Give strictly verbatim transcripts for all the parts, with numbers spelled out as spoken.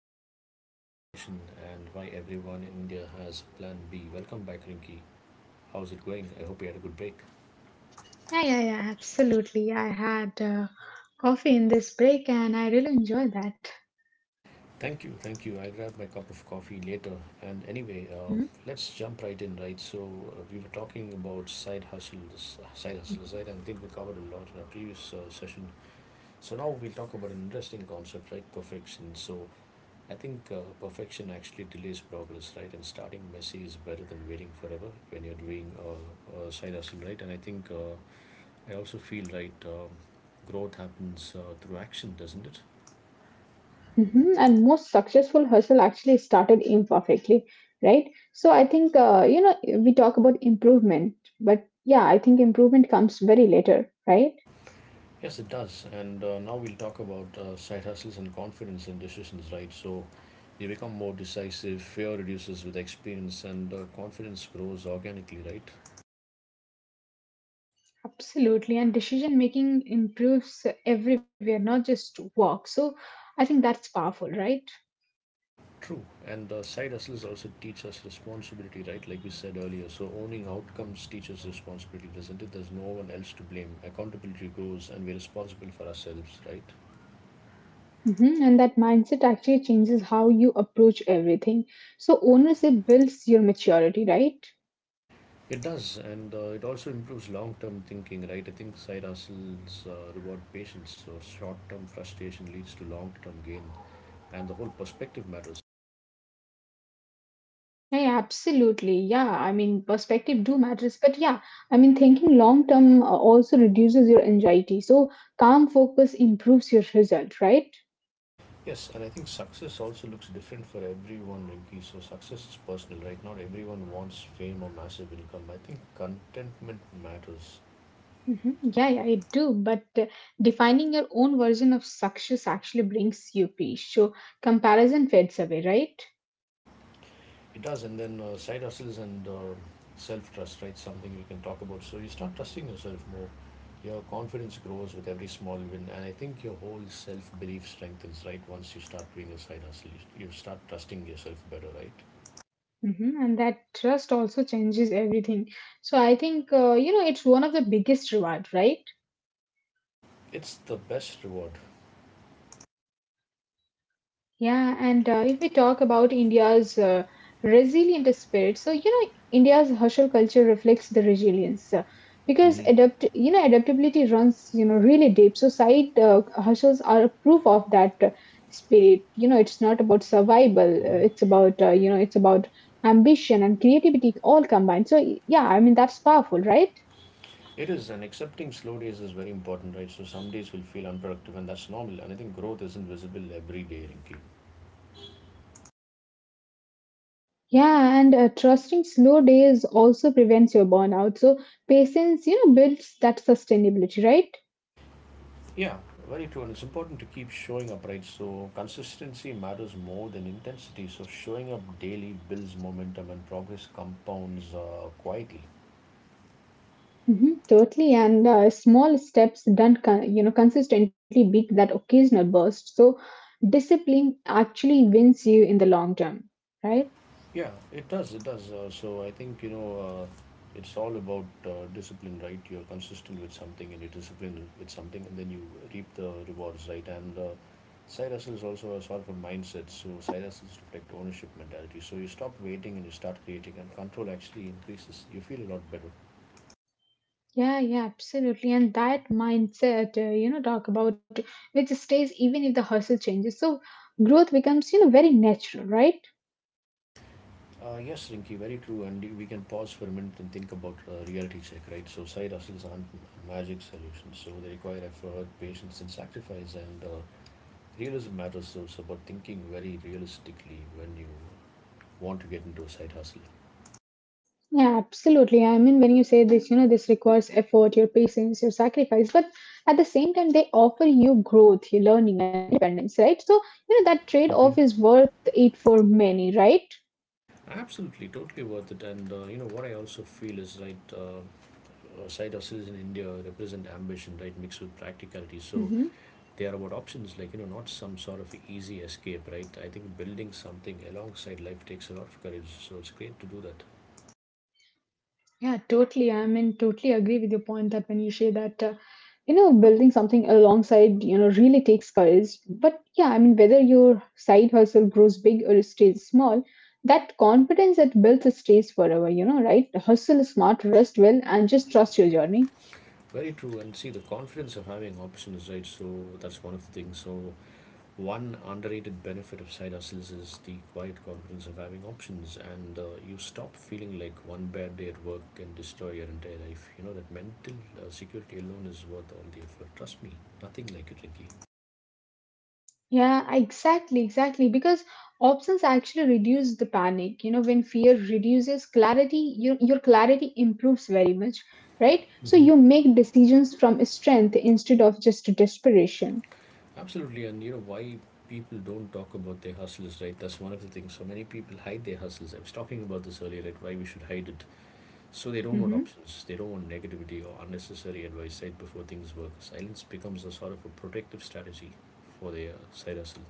of Side Hustle Nation and why everyone in India has Plan B. Welcome back, Rinky. How's it going? I hope you had a good break. Yeah, yeah, absolutely. I had uh, coffee in this break and I really enjoyed that. Thank you, thank you. I'll grab my cup of coffee later. And anyway, uh, Mm. let's jump right in, right? So uh, we were talking about side hustle, this side hustle side, and I think we covered a lot in our previous uh, session. So now we'll talk about an interesting concept, right? Perfection. So I think uh, perfection actually delays progress, right? And starting messy is better than waiting forever when you're doing uh, uh, side hustle, right? And I think uh, I also feel right. Um, growth happens uh, through action, doesn't it? Hmm. And most successful hustle actually started imperfectly, right? So I think, uh, you know, we talk about improvement, but yeah, I think improvement comes very later, right? Yes, it does. And uh, now we'll talk about uh, side hustles and confidence in decisions, right? So you become more decisive. Fear reduces with experience, and uh, confidence grows organically, right? Absolutely, and decision making improves everywhere, not just work. So I think that's powerful, right? True, and uh, side hustles also teach us responsibility, right? Like we said earlier. So owning outcomes teaches responsibility, doesn't it? There's no one else to blame. Accountability grows, and we're responsible for ourselves, right? Hmm. And that mindset actually changes how you approach everything. So ownership builds your maturity, right? It does, and uh, it also improves long-term thinking, right? I think side hustles uh, reward patience, so short-term frustration leads to long-term gain, and the whole perspective matters. Yeah, absolutely. Yeah, I mean, perspective do matters, but yeah, I mean, thinking long term uh, also reduces your anxiety. So calm focus improves your result, right? Yes, and I think success also looks different for everyone, Rinky. So success is personal, right? Not everyone wants fame or massive income. I think contentment matters. Hmm. Yeah, yeah, it do. But uh, defining your own version of success actually brings you peace. So comparison fades away, right? It does, and then uh, side hustles and uh, self-trust, right? Something we can talk about. So you start trusting yourself more. Your confidence grows with every small win, and I think your whole self-belief strengthens, right? Once you start doing a side hustle, you, you start trusting yourself better, right? Hmm. And that trust also changes everything. So I think uh, you know it's one of the biggest reward, right? It's the best reward. Yeah, and uh, if we talk about India's uh, resilient spirit, so you know India's hustle culture reflects the resilience uh, because Mm-hmm. adapt, you know, adaptability runs you know really deep. So side uh, hustles are a proof of that uh, spirit. You know, it's not about survival; uh, Mm-hmm. it's about uh, you know, it's about ambition and creativity all combined. So yeah, I mean that's powerful, right? It is, and accepting slow days is very important, right? So some days will feel unproductive, and that's normal. And I think growth isn't visible every day, Rinki. Yeah, and uh, trusting slow days also prevents your burnout. So patience, you know, builds that sustainability, right? Yeah, very true. And it's important to keep showing up, right? So consistency matters more than intensity. So showing up daily builds momentum, and progress compounds uh, quietly. Mhm, totally, and uh, small steps done, con- you know, consistently beat that occasional burst. So discipline actually wins you in the long term, right? Yeah, it does. It does. Uh, so I think, you know, uh, it's all about uh, discipline, right? You're consistent with something and you're disciplined with something, and then you reap the rewards, right? And uh, side hustle is also a sort of a mindset. So side hustles reflect ownership mentality. So you stop waiting and you start creating, and control actually increases. You feel a lot better. Yeah, yeah, absolutely. And that mindset, uh, you know, talk about which stays even if the hustle changes. So growth becomes, you know, very natural, right? Uh, yes, Rinky, very true. And we can pause for a minute and think about uh, reality check, right? So side hustles aren't magic solutions. So they require effort, patience, and sacrifice, and uh, Realism matters though. It's about thinking very realistically when you want to get into a side hustle. Yeah, absolutely. I mean, when you say this, you know, this requires effort, your patience, your sacrifice, but at the same time, they offer you growth, your learning, and independence, right? So, you know, that trade Hmm. off is worth it for many, right? Absolutely, totally worth it. And uh, you know what I also feel is right. Uh, uh, side hustles in India represent ambition, right, mixed with practicality. So Mhm. they are about options, like you know, not some sort of easy escape, right? I think building something alongside life takes a lot of courage. So it's great to do that. Yeah, totally. I mean, totally agree with your point that when you say that, uh, you know, building something alongside, you know, really takes courage. But yeah, I mean, whether your side hustle grows big or stays small, that confidence that built stays forever, you know, right? Hustle smart, rest well, and just trust your journey. Very true, and see the confidence of having options, right? So that's one of the things. So one underrated benefit of side hustles is the quiet confidence of having options, and uh, you stop feeling like one bad day at work can destroy your entire life. You know that mental uh, security alone is worth all the effort. Trust me, nothing like it, Ricky. Yeah, exactly, exactly. Because options actually reduce the panic. You know, when fear reduces clarity, your, your clarity improves very much, right? So Hmm. you make decisions from strength instead of just desperation. Absolutely, and you know why people don't talk about their hustles, right? That's one of the things. So many people hide their hustles. I was talking about this earlier, right? Why we should hide it. So they don't want Hmm. options. They don't want negativity or unnecessary advice Said before things work. Silence becomes a sort of a protective strategy for their side hustle.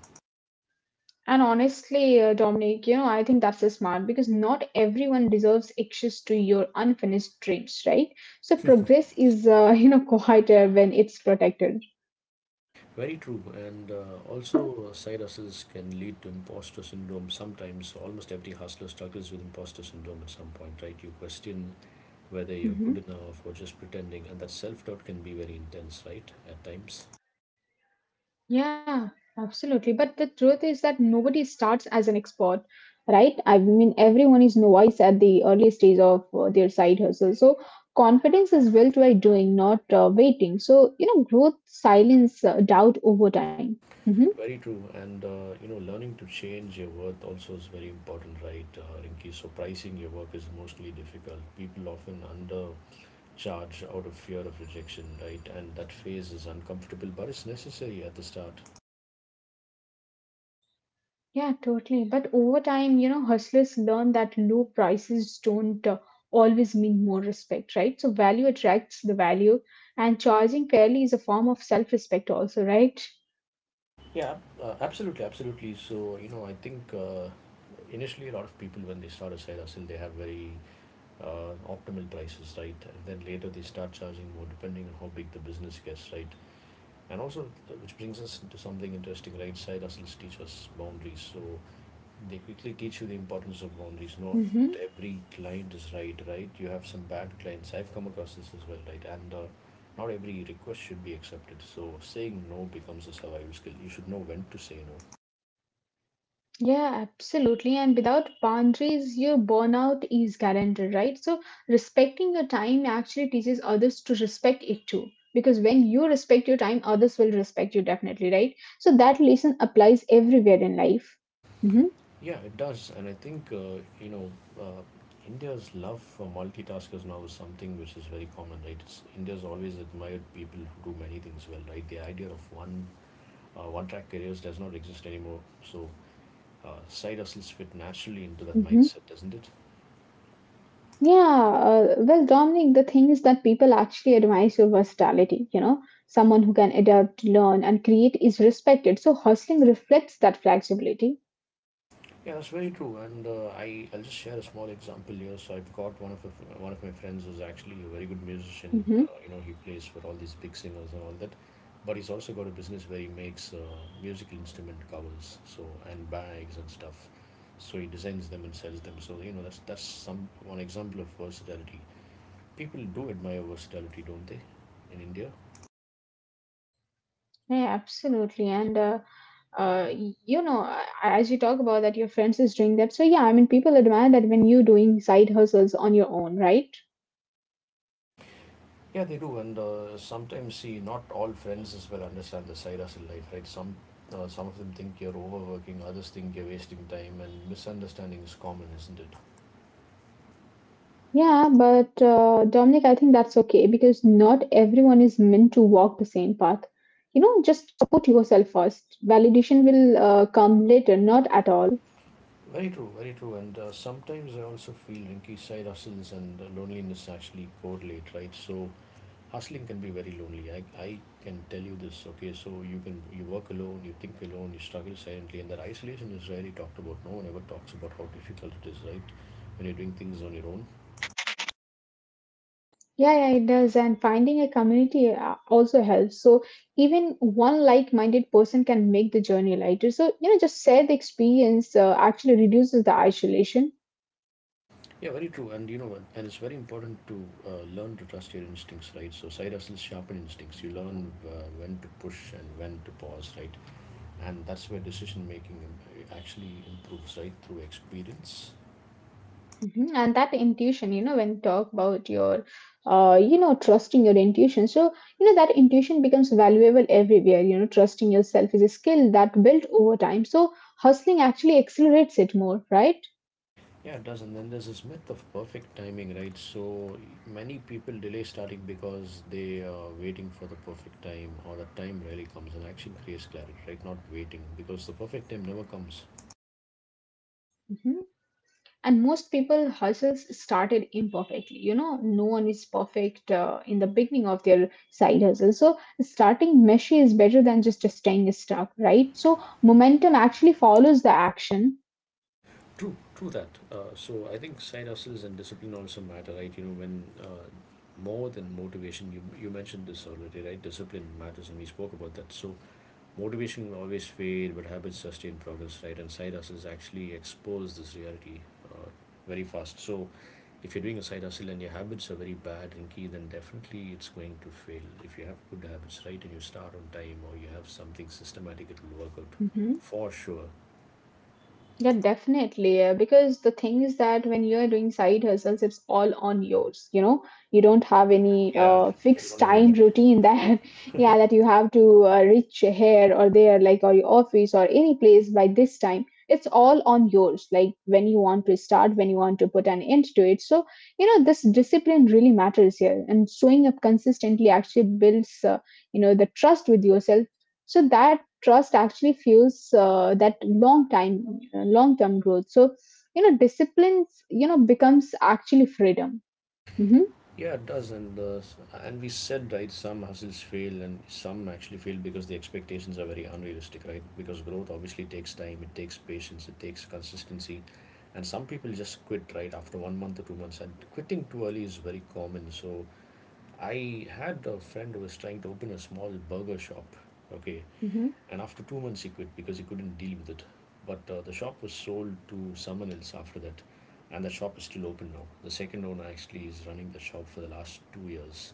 And honestly, uh, Dominic, you know, I think that's a smart because not everyone deserves access to your unfinished dreams, right? So progress is, uh, you know, quieter when it's protected. Very true. And uh, also, uh, side hustles can lead to imposter syndrome. Sometimes, almost every hustler struggles with imposter syndrome at some point, right? You question whether you're Hmm. good enough or just pretending, and that self doubt can be very intense, right? At times. Yeah, absolutely. But the truth is that nobody starts as an expert, right? I mean, everyone is novice at the early stage of uh, their side hustle. So confidence is built by doing, not uh, waiting. So, you know, growth, silence, uh, doubt over time. Hmm. Very true, and uh, you know, learning to change your worth also is very important, right, uh, Rinki? So pricing your work is mostly difficult. People often undercharge out of fear of rejection, right? And that phase is uncomfortable, but it's necessary at the start. Yeah, totally. But over time, you know, hustlers learn that low prices don't uh, always mean more respect, right? So value attracts the value, and charging fairly is a form of self-respect also, right? Yeah, uh, absolutely, absolutely. So you know, I think uh, initially a lot of people when they start a side hustle, they have very uh, optimal prices, right? And then later they start charging more depending on how big the business gets, right? And also, uh, which brings us into something interesting, right? Side hustles teach us boundaries. So they quickly teach you the importance of boundaries. Not Hmm. every client is right, right? You have some bad clients. I've come across this as well, right? And uh, not every request should be accepted. So saying no becomes a survival skill. You should know when to say no. Yeah, absolutely. And without boundaries, your burnout is guaranteed, right? So respecting your time actually teaches others to respect it too. Because when you respect your time, others will respect you definitely, right? So that lesson applies everywhere in life. Mm-hmm. Yeah, it does. And I think uh, you know uh, India's love for multitaskers now is something which is very common, right? It's, India's always admired people who do many things well, right? The idea of one uh, one track careers does not exist anymore. So uh, side hustles fit naturally into that Mm-hmm. mindset, doesn't it? Yeah. Uh, well, Dominic, the thing is that people actually admire your versatility. You know, someone who can adapt, learn, and create is respected. So hustling reflects that flexibility. Yeah, that's very true. And uh, I I'll just share a small example here. So I've got one of a, one of my friends who's actually a very good musician. Mm-hmm. Uh, you know, he plays for all these big singers and all that. But he's also got a business where he makes uh, musical instrument covers, so and bags and stuff. So he designs them and sells them. So you know, that's that's some one example of versatility. People do admire versatility, don't they? In India. Yeah, absolutely. And, uh, uh, you know, a- as you talk about that, your friends is doing that. So yeah, I mean, people admire that when you doing side hustles on your own, right? Yeah, they do, and uh, sometimes see not all friends as well understand the side hustle life, right? Some uh, some of them think you're overworking, others think you're wasting time, and misunderstanding is common, isn't it? Yeah, but uh, Dominic, I think that's okay because not everyone is meant to walk the same path. You know, just support yourself first. Validation will uh, come later, not at all. Very true, very true. And uh, sometimes I also feel Rinky side hustles and uh, loneliness actually correlate, right? So hustling can be very lonely. I, I can tell you this, okay? So you can you work alone, you think alone, you struggle silently, and that isolation is rarely talked about. No one ever talks about how difficult it is, right? When you're doing things on your own. Yeah, yeah, it does. And finding a community uh, also helps. So even one like-minded person can make the journey lighter. So you know, just share the experience uh, actually reduces the isolation. Yeah, very true. And you know, and it's very important to uh, learn to trust your instincts, right? So side hustles sharpen instincts. You learn uh, when to push and when to pause, right? And that's where decision making um, actually improves, right? Through experience. Mhm. And that intuition, you know, when you talk about your, uh, you know, trusting your intuition. So, you know, that intuition becomes valuable everywhere. You know, trusting yourself is a skill that built over time. So hustling actually accelerates it more, right? Yeah, it does. And then there's this myth of perfect timing, right? So many people delay starting because they are waiting for the perfect time, or the time rarely comes, and action creates clarity, right? Not waiting because the perfect time never comes. Mhm. And most people hustles started imperfectly, you know, no one is perfect uh, in the beginning of their side hustle. So starting meshy is better than just staying stuck, right? So momentum actually follows the action. True, true that. Uh, so I think side hustles and discipline also matter, right? You know, when uh, more than motivation, you you mentioned this already, right? Discipline matters, and we spoke about that. So motivation will always fade, but habits sustain progress, right? And side hustles actually expose this reality uh, very fast. So if you're doing a side hustle and your habits are very bad, Rinky, then definitely it's going to fail. If you have good habits, right, and you start on time or you have something systematic, it will work out Mhm. for sure. Yeah, definitely. uh, Because the thing is that when you are doing side hustles, it's all on yours. You know, you don't have any Yeah, uh, you fixed don't have time anybody. routine Yeah. that, yeah, that you have to uh, reach here or there, like or your office or any place by this time. It's all on yours. Like when you want to start, when you want to put an end to it. So you know, this discipline really matters here, and showing up consistently actually builds, uh, you know, the trust with yourself. So that trust actually fuels uh, that long time long term growth. So you know discipline you know becomes actually freedom. Hmm. Yeah, it does, and uh, s- and we said, right? Some hustles fail, and some actually fail because the expectations are very unrealistic, right? Because growth obviously takes time, it takes patience, it takes consistency, and some people just quit right after one month or two months. And quitting too early is very common. So I had a friend who was trying to open a small burger shop, okay, Hmm. and after two months, he quit because he couldn't deal with it. But uh, the shop was sold to someone else after that, and the shop is still open now. The second owner actually is running the shop for the last two years.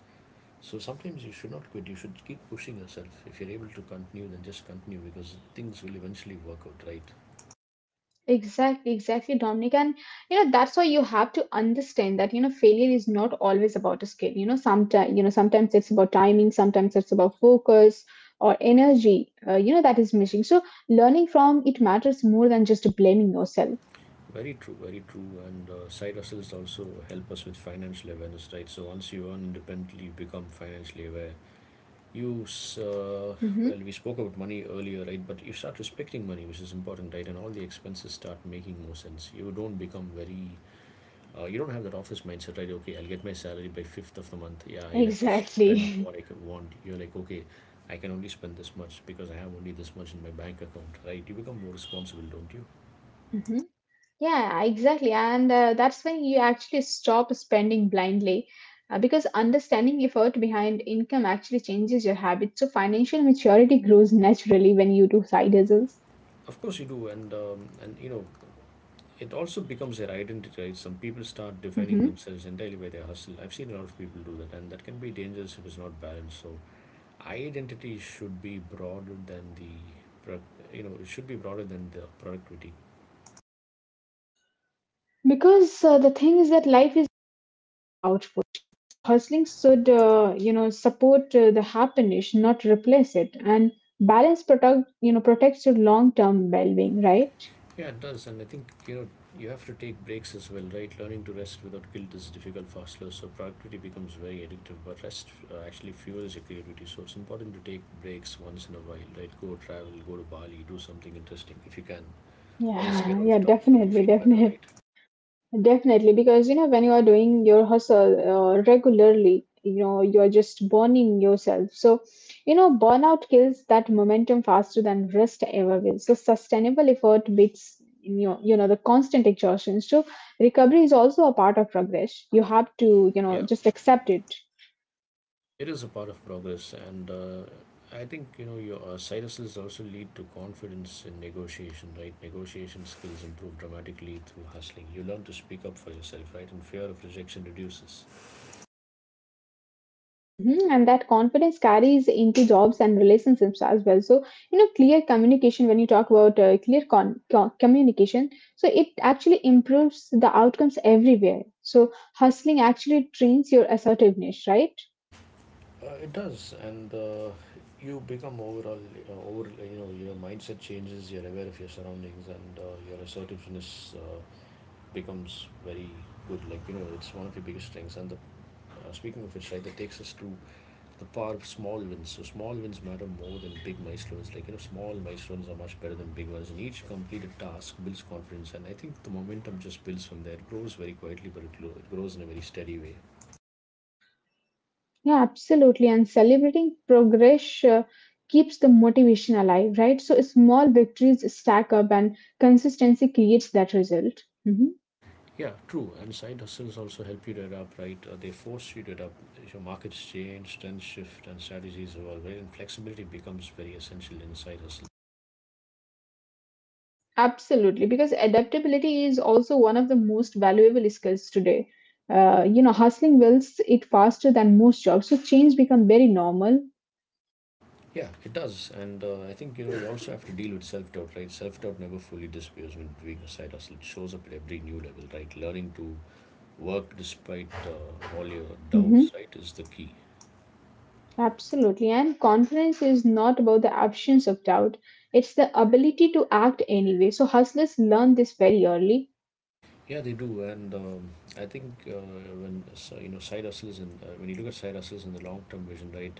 So sometimes you should not quit. You should keep pushing yourself. If you're able to continue, then just continue because things will eventually work out, right? Exactly, exactly, Dominic. And you know, that's why you have to understand that, you know, failure is not always about a skill. You know, sometimes, you know, sometimes it's about timing, sometimes it's about focus or energy, uh, you know, that is missing. So learning from it matters more than just blaming yourself. Very true, very true. And uh, side hustles also help us with financial awareness, right? So once you earn independently, you become financially aware. You, uh, Hmm. well, we spoke about money earlier, right? But you start respecting money, which is important, right? And all the expenses start making more sense. You don't become very, uh, you don't have that office mindset, right? Okay, I'll get my salary by fifth of the month. Yeah, I let me s- spend Exactly. what I can want. You're like, okay, I can only spend this much because I have only this much in my bank account, right? You become more responsible, don't you? Yeah, exactly. And uh, that's when you actually stop spending blindly uh, because understanding effort behind income actually changes your habits. So financial maturity grows naturally when you do side hustles. Of course you do, and um, and you know it also becomes their identity, right? Some people start defining Hmm. themselves entirely by their hustle. I've seen a lot of people do that, and that can be dangerous if it's not balanced. So, identity should be broader than the, product. you know, it should be broader than the productivity. Because uh, the thing is that life is an output, right? So hustling should, uh, you know, support uh, the happiness, not replace it. And balance protect, you know, protects your long-term well-being, right? Yeah, it does, and I think you know you have to take breaks as well, right? Learning to rest without guilt is difficult for hustlers, so productivity becomes very addictive. But rest uh, actually fuels your creativity, so it's important to take breaks once in a while, right? Go travel, go to Bali, do something interesting if you can. Or just get Yeah, out of yeah, town so that you definitely, feel better, definitely. right? Definitely, because you know, when you are doing your hustle uh, regularly, you know, you are just burning yourself. So, you know, burnout kills that momentum faster than rest ever will. So sustainable effort beats, you know, you know, the constant exhaustion. So recovery is also a part of progress. You have to, you Yeah, know, just accept it. it is a part of progress, and uh, I think you know your uh, side hustles also lead to confidence in negotiation, right? Negotiation skills improve dramatically through hustling. You learn to speak up for yourself, right? And fear of rejection reduces. Mhm. And that confidence carries into jobs and relationships as well. So, you know, clear communication, when you talk about uh, clear con- co- communication, so it actually improves the outcomes everywhere. So hustling actually trains your assertiveness, right? Uh, it does, and uh, you become overall uh, over you know your mindset changes. You're aware of your surroundings, and uh, your assertiveness uh, becomes very good. Like you know, it's one of your biggest strengths, and the Uh, speaking of which, right, that takes us to the power of small wins. So small wins matter more than big milestones. Like you know, small milestones are much better than big ones. And each completed task builds confidence, and I think the momentum just builds from there. It grows very quietly, but it, it grows in a very steady way. Yeah, absolutely. And celebrating progress uh, keeps the motivation alive, right? So small victories stack up and consistency creates that result. Mm-hmm. Yeah, true. And side hustles also help you to adapt, right? Uh, they force you to adapt. Your markets change, trends shift, and strategies evolve. Right? And flexibility becomes very essential in side hustles. Absolutely, because adaptability is also one of the most valuable skills today. Uh, you know, hustling wills it faster than most jobs, so change become very normal. Yeah, it does. And uh, I think, you know, we also have to deal with self doubt, right? Self doubt never fully disappears when doing a side hustle. It shows up at every new level, right? Learning to work despite uh, all your Hmm. doubts, right, is the key. Absolutely, and confidence is not about the absence of doubt; it's the ability to act anyway. So hustlers learn this very early. Yeah, they do. And um, I think uh, when, so, you know, side hustles and uh, when you look at side hustles and the long term vision, right,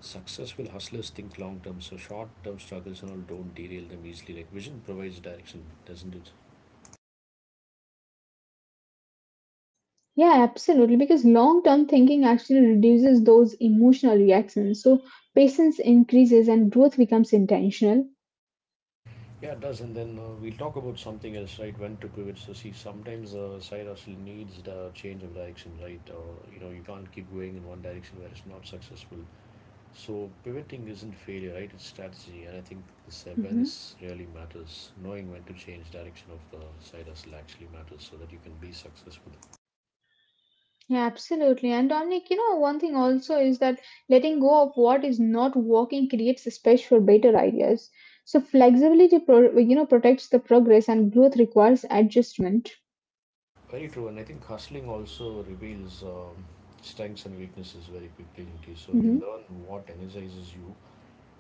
successful hustlers think long term. So short term struggles and all don't derail them easily. Like, vision provides direction, doesn't it? Yeah, absolutely. Because long term thinking actually reduces those emotional reactions. So patience increases and growth becomes intentional. Yeah, it does. And then uh, we'll talk about something else, right? When to pivot. So, see, sometimes the side hustle needs the change of direction, right? Or, you know, you can't keep going in one direction where it's not successful. So, pivoting isn't failure, right? It's strategy. And I think this Hmm. awareness really matters. Knowing when to change direction of the side hustle actually matters so that you can be successful. Yeah, absolutely. And Dominic, you know, one thing also is that letting go of what is not working creates a space for better ideas. So flexibility, pro- you know, protects the progress and growth requires adjustment. Very true. And I think hustling also reveals um, strengths and weaknesses very quickly. Okay, so you learn what energizes you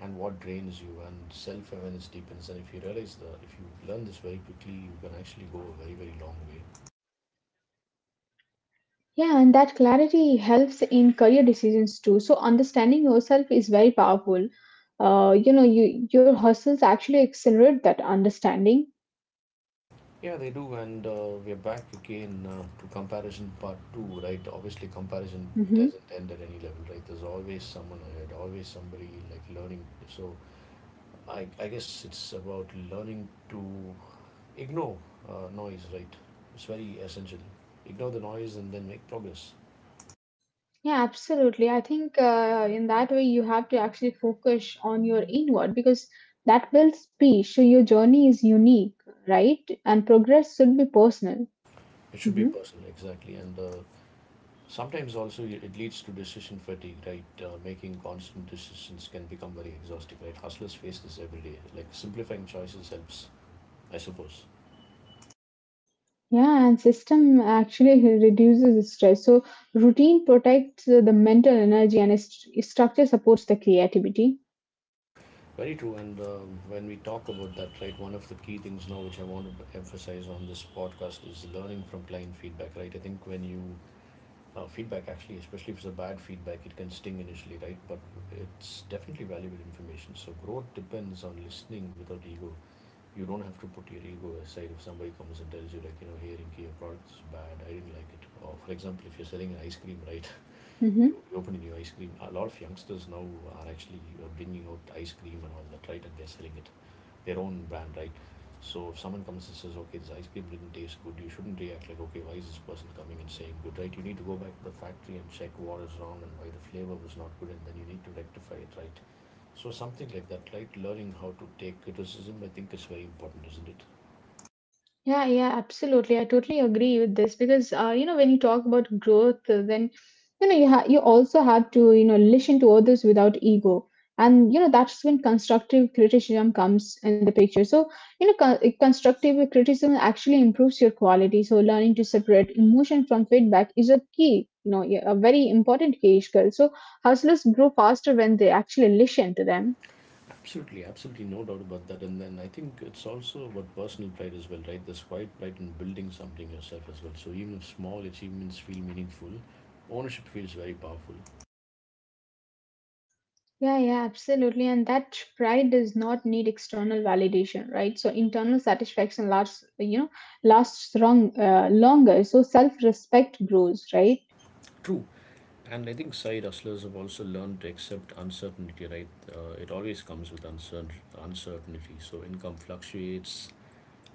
and what drains you, and self-awareness deepens. And if you realize the if you learn this very quickly, you can actually go a very very long way. Yeah, and that clarity helps in career decisions too. So understanding yourself is very powerful. Uh, you know, you your hustles actually accelerate that understanding. Yeah, they do. And uh, we're back again uh, to comparison part two, right? Obviously, comparison Hmm. doesn't end at any level, right? There's always someone ahead, always somebody like learning. So i, I guess it's about learning to ignore uh, noise, right? It's very essential. Ignore the noise and then make progress. Yeah, absolutely. I think uh, in that way you have to actually focus on your inward because that builds peace. So your journey is unique, right? And progress should be personal. It should be Mhm. personal, exactly. And uh, sometimes also it leads to decision fatigue, right? Uh, making constant decisions can become very exhausting, right? Hustlers face this every day. Like, simplifying choices helps, I suppose. Yeah, and system actually reduces stress. So routine protects the mental energy and st- structure supports the creativity. Very true. And um, when we talk about that, right, one of the key things now which I want to emphasize on this podcast is learning from client feedback, right? I think when you uh, feedback actually, especially if it's a bad feedback, it can sting initially, right? But it's definitely valuable information. So growth depends on listening without ego. You don't have to put your ego aside. If somebody comes and tells you, like you know, hey Rinki, your product is bad, I didn't like it, or for example, if you're selling an ice cream, right, you Mhm. you open a new ice cream. A lot of youngsters now are actually uh, bringing out ice cream and all that, right, and they're selling it, their own brand, right? So if someone comes and says, okay, this ice cream didn't taste good, you shouldn't react like, okay, why is this person coming and saying good, right? You need to go back to the factory and check what is wrong and why the flavor was not good, and then you need to rectify it, right? So something like that, right, learning how to take criticism I think is very important, isn't it? Yeah, yeah, absolutely. I totally agree with this because uh, you know when you talk about growth, uh, then you know you ha you also have to you know listen to others without ego, and you know that's when constructive criticism comes in the picture. So you know con constructive criticism actually improves your quality. So learning to separate emotion from feedback is a key, you know, yeah, a very important key skill. So hustlers grow faster when they actually listen to them. Absolutely, absolutely, no doubt about that. And then I think it's also about personal pride as well, right? There's quite pride in building something yourself as well. So even if small achievements feel meaningful, ownership feels very powerful. Yeah, yeah, absolutely. And that pride does not need external validation, right? So internal satisfaction lasts, you know, lasts long, uh, longer. So self-respect grows, right? True. And I think side hustlers have also learned to accept uncertainty, right? Uh, it always comes with uncertain uncertainty. So income fluctuates.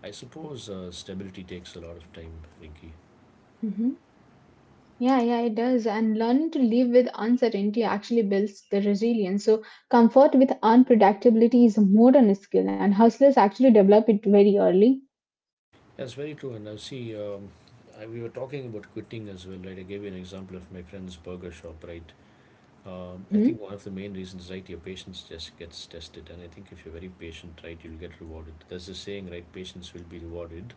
I suppose uh, stability takes a lot of time, Rinky. Hmm. Yeah, yeah, it does. And learning to live with uncertainty actually builds the resilience. So comfort with unpredictability is a modern skill, and hustlers actually develop it very early. That's very true. And I see, um, I, we were talking about quitting as well, right? I gave you an example of my friend's burger shop, right? Um, I think Mm-hmm. one of the main reasons, right, your patience just gets tested. And I think if you're very patient, right, you'll get rewarded. There's a saying, right, patience will be rewarded,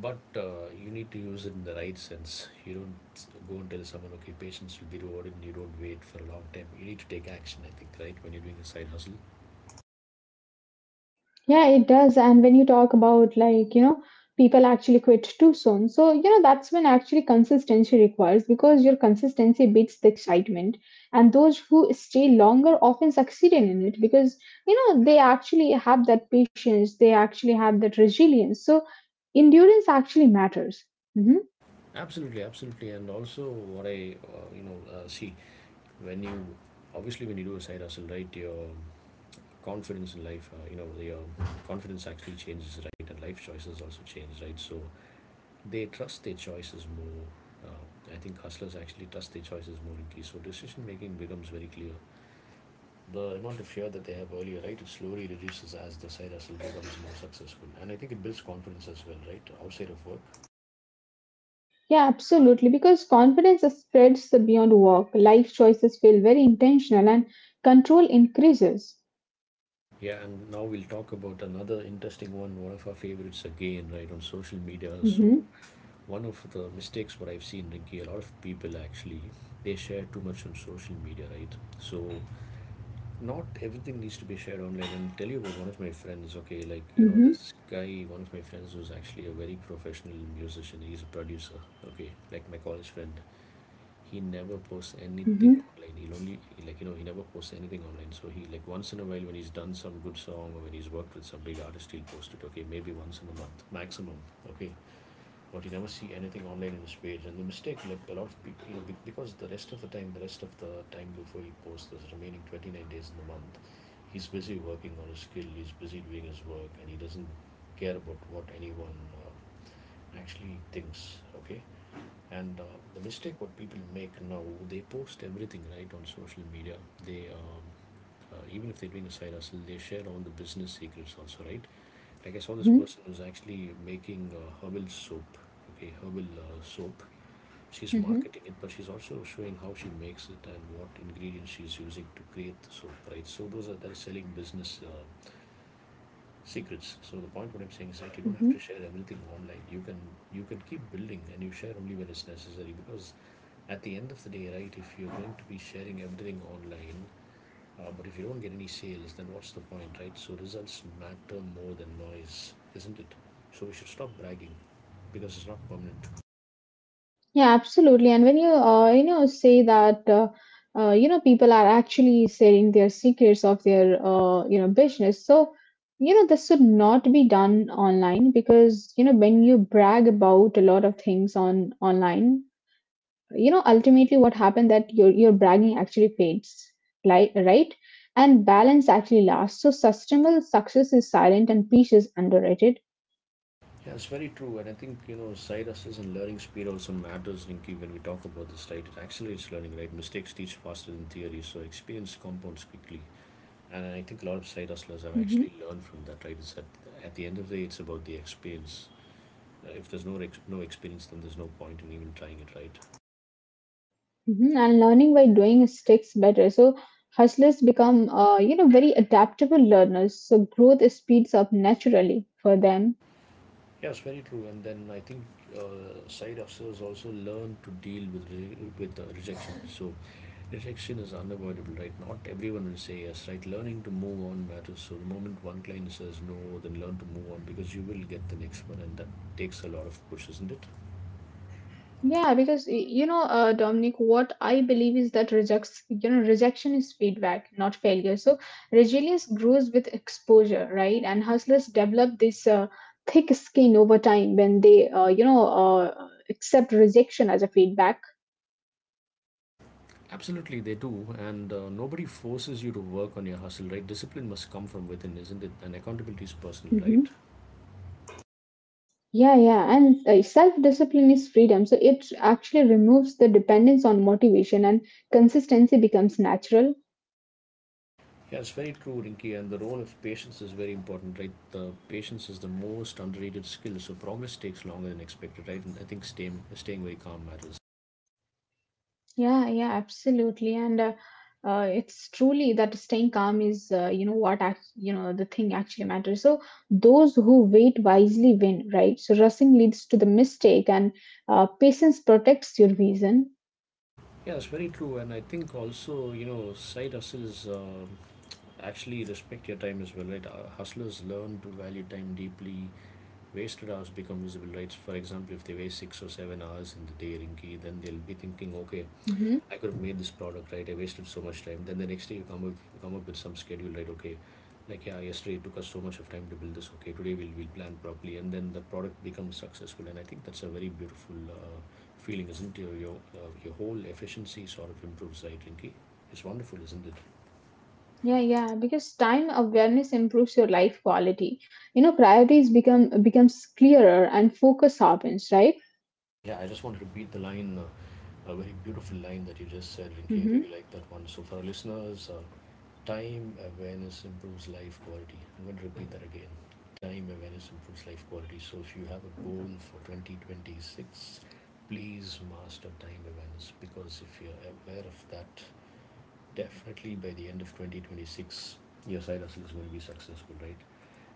but uh, you need to use it in the right sense. You don't s- go and tell someone, okay, patience will be rewarded, and you don't wait for a long time. You need to take action, I think, right, when you're doing a side hustle. Yeah, it does. And when you talk about like, you know, people actually quit too soon. So, you know, that's when actually consistency requires because your consistency beats the excitement. And those who stay longer often succeed in it because, you know, they actually have that patience, they actually have that resilience. So endurance actually matters. Hmm. Absolutely, absolutely. And also, what I, uh, you know, uh, see, when you, obviously, when you do a side hustle, right, your confidence in life, uh, you know, your confidence actually changes, right, and life choices also change, right. So they trust their choices more. Uh, I think hustlers actually trust their choices more in case, so decision making becomes very clear. The amount of fear that they have earlier, right, it slowly reduces as the side hustle becomes more successful, and I think it builds confidence as well, right, outside of work. Yeah, absolutely. Because confidence spreads beyond work, life choices feel very intentional, and control increases. Yeah, and now we'll talk about another interesting one, one of our favorites again, right, on social media. So, Hmm. one of the mistakes what I've seen, Rinky, a lot of people actually they share too much on social media, right? So not everything needs to be shared online. And tell you about one of my friends, okay, like you know, Hmm. this guy, one of my friends who's actually a very professional musician. He's a producer, okay, like my college friend. He never posts anything Hmm. online. He'll only, like you know, he never posts anything online. So he, like, once in a while when he's done some good song or when he's worked with some big artist, he'll post it. Okay, maybe once in a month maximum. Okay, but you never see anything online in this page. And the mistake, like, a lot of people, you know, because the rest of the time the rest of the time before he posts this remaining twenty-nine days in the month, he's busy working on his skill, he's busy doing his work, and he doesn't care about what anyone uh, actually thinks, okay. And uh, the mistake what people make now, they post everything right on social media. They um, uh, even if they're doing a side hustle, they share all the business secrets also, right? Like I saw this Hmm. person who's actually making uh, herbal soap. Okay, herbal uh, soap. She's Hmm. marketing it, but she's also showing how she makes it and what ingredients she's using to create the soap, right? So those are, they're selling business uh, secrets. So the point what I'm saying is that you don't have Mhm. to share everything online. You can, you can keep building, and you share only when it's necessary, because at the end of the day, right, if you're going to be sharing everything online, uh, but if you don't get any sales, then what's the point, right? So results matter more than noise, isn't it? So we should stop bragging because it's not permanent. Yeah, absolutely. And when you uh, you know say that, uh, uh, you know people are actually sharing their secrets of their uh, you know business, so you know this should not be done online because you know when you brag about a lot of things on online, you know ultimately what happened that your your bragging actually fades, like, right? And balance actually lasts. So sustainable success is silent and peace is underrated. Yeah, it's very true, and I think you know side hustles and learning speed also matters, Rinki. When we talk about this, right, it accelerates learning, right? Mistakes teach faster than theory, so experience compounds quickly. And I think a lot of side hustlers have Mhm. actually learned from that, right? It's at, at the end of the day, it's about the experience. Uh, if there's no ex- no experience, then there's no point in even trying it, right? Mhm. And learning by doing sticks better. So hustlers become, uh, you know, very adaptable learners. So growth speeds up naturally for them. Yes, very true. And then I think uh, side hustlers also learn to deal with re- with uh, rejection. So rejection is unavoidable, right? Not everyone will say yes, right? Learning to move on matters. So the moment one client says no, then learn to move on because you will get the next one, and that takes a lot of push, isn't it? Yeah, because y- you know, uh, Dominic, what I believe is that rejects, you know, rejection is feedback, not failure. So resilience grows with exposure, right? And hustlers develop this uh, thick skin over time when they, uh, you know, uh, accept rejection as a feedback. Absolutely, they do, and uh, nobody forces you to work on your hustle, right? Discipline must come from within, isn't it? And accountability is personal, right? Mm-hmm. Yeah, yeah, and uh, self-discipline is freedom. So it actually removes the dependence on motivation and consistency becomes natural. Yeah, it's very true, Rinki, and the role of patience is very important, right? The patience is the most underrated skill, so progress takes longer than expected, right? And I think staying staying very calm matters. Yeah, yeah, absolutely. And uh, uh, it's truly that staying calm is, uh, you know, what act, you know, the thing actually matters. So those who wait wisely win, right? So rushing leads to the mistake, and uh, patience protects your vision. Yeah, it's very true, and I think also you know side hustles um actually respect your time as well, right? Uh, hustlers learn to value time deeply. Wasted hours become visible, right? For example, if they waste six or seven hours in the day, Rinki, then they'll be thinking, okay, Mhm. I could have made this product, right? I wasted so much time. Then the next day you come up you come up with some schedule, right? Okay, like yeah, yesterday it took us so much of time to build this. Okay, today we'll we'll plan properly, and then the product becomes successful. And I think that's a very beautiful uh, feeling, isn't it? Your your, uh, your whole efficiency sort of improves, right, Rinky? It's wonderful, isn't it? Yeah, yeah, because time awareness improves your life quality. You know, priorities become becomes clearer and focus sharpens, right? Yeah, I just wanted to beat the line. Uh, a very beautiful line that you just said, Rinky. I really like that one. So, for our listeners, uh, time awareness improves life quality. I'm going to repeat that again. Time awareness improves life quality. So if you have a goal for twenty twenty-six, please master time awareness because if you're aware of that, definitely by the end of twenty twenty-six, your side hustle is going to be successful, right?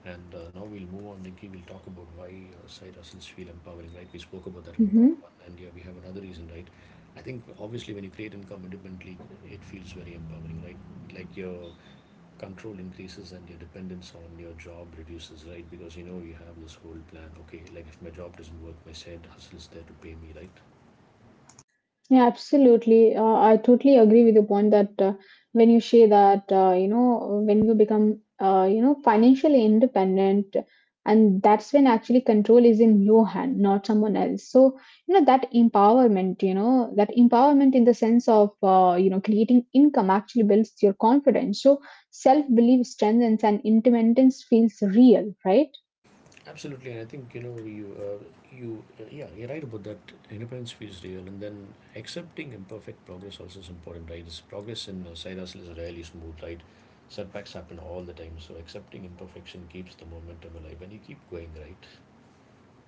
And uh, now we'll move on, Nikki. We'll talk about why uh, side hustles feel empowering, right? We spoke about that in part Mm-hmm. one, and yeah, we have another reason, right? I think obviously when you create income independently, it feels very empowering, right? Like you're control increases and your dependence on your job reduces, right? Because you know you have this whole plan. Okay, like if my job doesn't work, my side hustle is there to pay me, right? Yeah, absolutely. Uh, I totally agree with your point that uh, when you say that, uh, you know, when you become, uh, you know, financially independent, and that's when actually control is in your hand, not someone else. So, you know, that empowerment, you know, that empowerment in the sense of, uh, you know, creating income actually builds your confidence. So self belief strengthens and independence feels real, right? Absolutely, and I think you know you uh, you uh, yeah, you're right about that. Independence feels real, and then accepting imperfect progress also is important, right? This progress in uh, side hustle is rarely smooth, right? Setbacks happen all the time, so accepting imperfection keeps the momentum alive, and you keep going, right?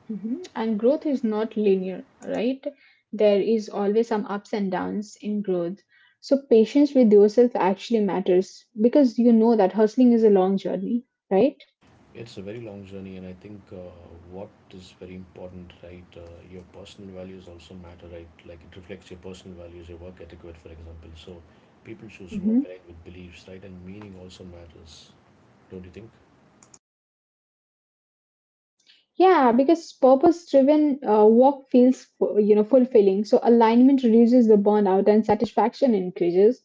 Mhm. And growth is not linear, right? There is always some ups and downs in growth. So patience with yourself actually matters because you know that hustling is a long journey, right? It's a very long journey, and I think uh, what is very important, right? Uh, your personal values also matter, right? Like it reflects your personal values, your work etiquette, for example. So people choose work Hmm. aligned with beliefs, right? And meaning also matters, don't you think? Yeah, because purpose-driven uh, work feels fu- you know fulfilling. So alignment reduces the burnout and satisfaction increases.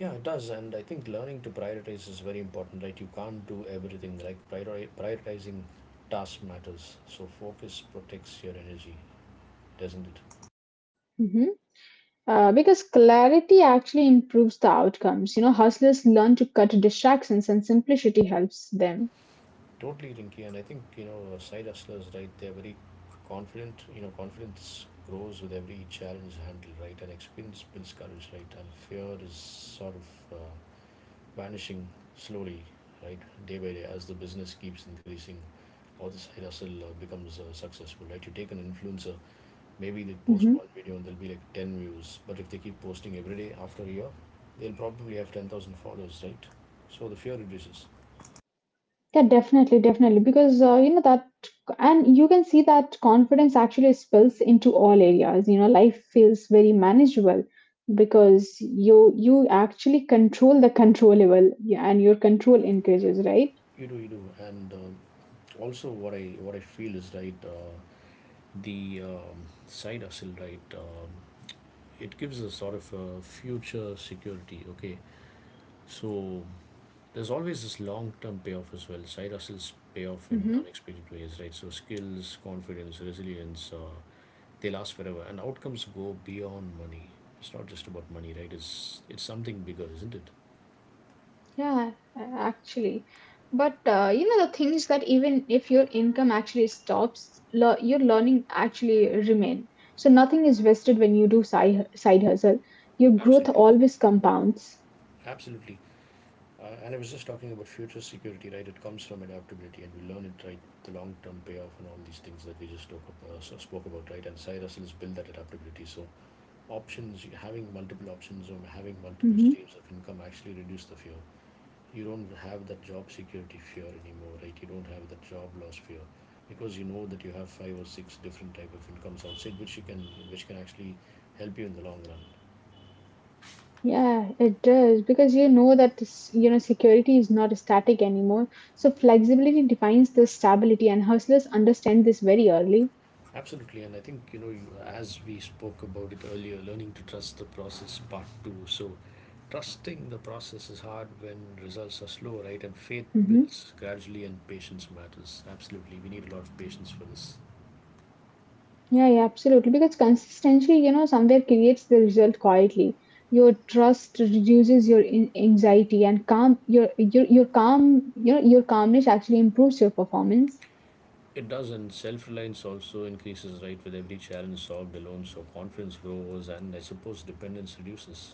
Yeah, it does, and I think learning to prioritize is very important, right? You can't do everything. Like priori- prioritizing tasks matters. So focus protects your energy, doesn't it? Hmm. Uh, because clarity actually improves the outcomes. You know, hustlers learn to cut distractions and simplicity helps them. Totally, Rinky, and I think you know, uh, side hustlers, right? They're very confident. You know, confidence grows with every challenge handled, right? And experience builds courage, right? And fear is sort of uh, vanishing slowly, right? Day by day, as the business keeps increasing, or the side hustle uh, becomes uh, successful, right? You take an influencer, maybe they post Mm-hmm. one video and there'll be like ten views, but if they keep posting every day after a year, they'll probably have ten thousand followers, right? So the fear reduces. Yeah, definitely, definitely. Because uh, you know that, and you can see that confidence actually spills into all areas. You know, life feels very manageable because you you actually control the controllable, yeah, and your control increases, right? You do, you do, and um also what I what I feel is right. Uh, the um, side hustle, right? Um, it gives a sort of a future security. Okay, so there's always this long term payoff as well. Side hustles pay off in Hmm. unexpected ways, right? So skills, confidence, resilience, uh, they last forever, and outcomes go beyond money. It's not just about money, right? It's it's something bigger, isn't it? Yeah, a- actually. But uh, you know the things that even if your income actually stops, le- your learning actually remain. So nothing is wasted when you do side side hustle. Your growth Absolutely. always compounds. Absolutely. Uh, and I was just talking about future security, right? It comes from adaptability, and we learn it, right? The long-term payoff and all these things that we just spoke, up, uh, so spoke about, right? And Cyrus has built that adaptability. So options, having multiple options or having multiple Mm-hmm. streams of income actually reduce the fear. You don't have that job security fear anymore, right? You don't have that job loss fear because you know that you have five or six different type of incomes outside which you can which can actually help you in the long run. Yeah, it does because you know that s- you know security is not static anymore. So flexibility defines the stability, and hustlers understand this very early. Absolutely, and I think you know, you, as we spoke about it earlier, learning to trust the process part two. So, trusting the process is hard when results are slow, right? And faith Hmm. builds gradually, and patience matters. Absolutely, we need a lot of patience for this. Yeah, yeah, absolutely. Because consistency, you know, somewhere creates the result quietly. Your trust reduces your in- anxiety, and calm your your your calm you know your calmness actually improves your performance. It does, and self reliance also increases, right? With every challenge solved alone, so confidence grows, and I suppose dependence reduces.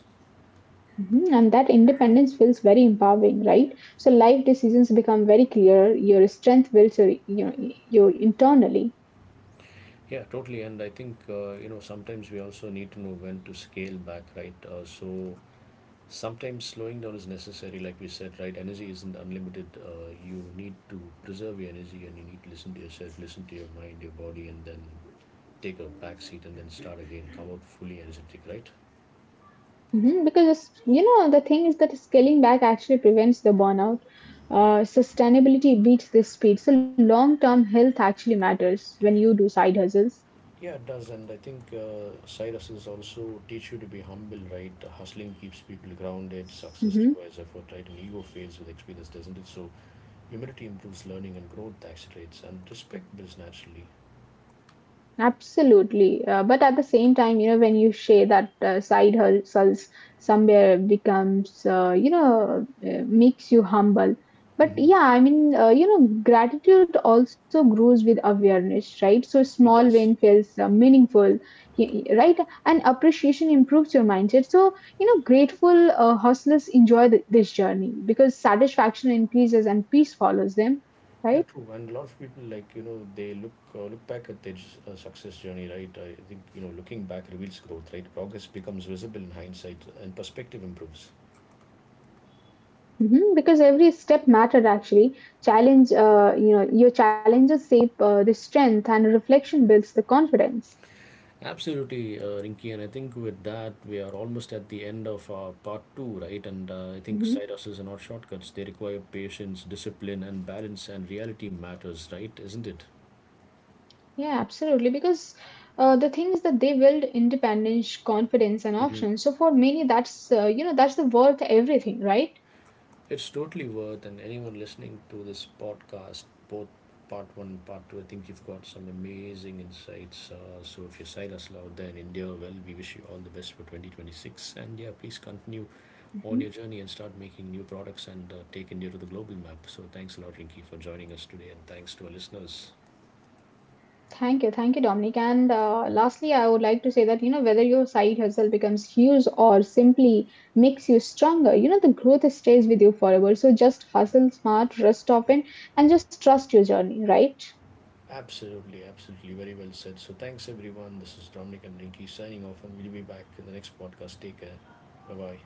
Mhm. And that independence feels very empowering, right? So life decisions become very clear. Your strength builds your you know your internally. Yeah, totally. And I think, uh, you know, sometimes we also need to know when to scale back, right? Uh, so sometimes slowing down is necessary, like we said, right? Energy isn't unlimited. Uh, you need to preserve your energy, and you need to listen to yourself, listen to your mind, your body, and then take a back seat and then start again, come out fully energetic, right? Mhm. Because it's- you know the thing is that scaling back actually prevents the burnout. Uh, sustainability beats this speed. So long term health actually matters when you do side hustles. Yeah, it does, and I think uh, side hustles also teach you to be humble, right? Hustling keeps people grounded. Success Mm-hmm. requires effort, right? And ego fails with experience, doesn't it? So humility improves learning, and growth accelerates, and respect builds naturally. Absolutely. Uh, but at the same time, you know, when you share that uh, side hustles somewhere becomes, uh, you know, uh, makes you humble. But Mm-hmm. yeah, I mean, uh, you know, gratitude also grows with awareness, right? So small It win does. feels uh, meaningful, y- y- right? And appreciation improves your mindset. So, you know, grateful uh, hustlers enjoy th- this journey because satisfaction increases and peace follows them, right? Yeah, true. And a lot of people, like, you know, they look uh, look back at their s- uh, success journey, right? I think, you know, looking back reveals growth, right? Progress becomes visible in hindsight and perspective improves. Mhm. Because every step mattered actually. Challenge, uh, you know, your challenges shape uh, the strength, and reflection builds the confidence. Absolutely, uh, Rinky, and I think with that we are almost at the end of our part two, right? And uh, I think Mhm. side hustles are not shortcuts; they require patience, discipline, and balance, and reality matters, right? Isn't it? Yeah, absolutely. Because uh, the thing is that they build independence, confidence, and Mm-hmm. options. So for many, that's uh, you know that's the worth everything, right? It's totally worth, and anyone listening to this podcast, both part one, part two, I think you've got some amazing insights. Uh, so if you side hustle out there in India, well, we wish you all the best for twenty twenty-six. And yeah, please continue on Mhm. your journey and start making new products and uh, take India to the global map. So thanks a lot, Rinki, for joining us today, and thanks to our listeners. Thank you. Thank you, Dominic. And uh, lastly, I would like to say that, you know, whether your side hustle becomes huge or simply makes you stronger, you know, the growth stays with you forever. So just hustle smart, rest often, and just trust your journey, right? Absolutely, absolutely. Very well said. So thanks, everyone. This is Dominic and Rinki signing off, and we'll be back in the next podcast. Take care. Bye bye.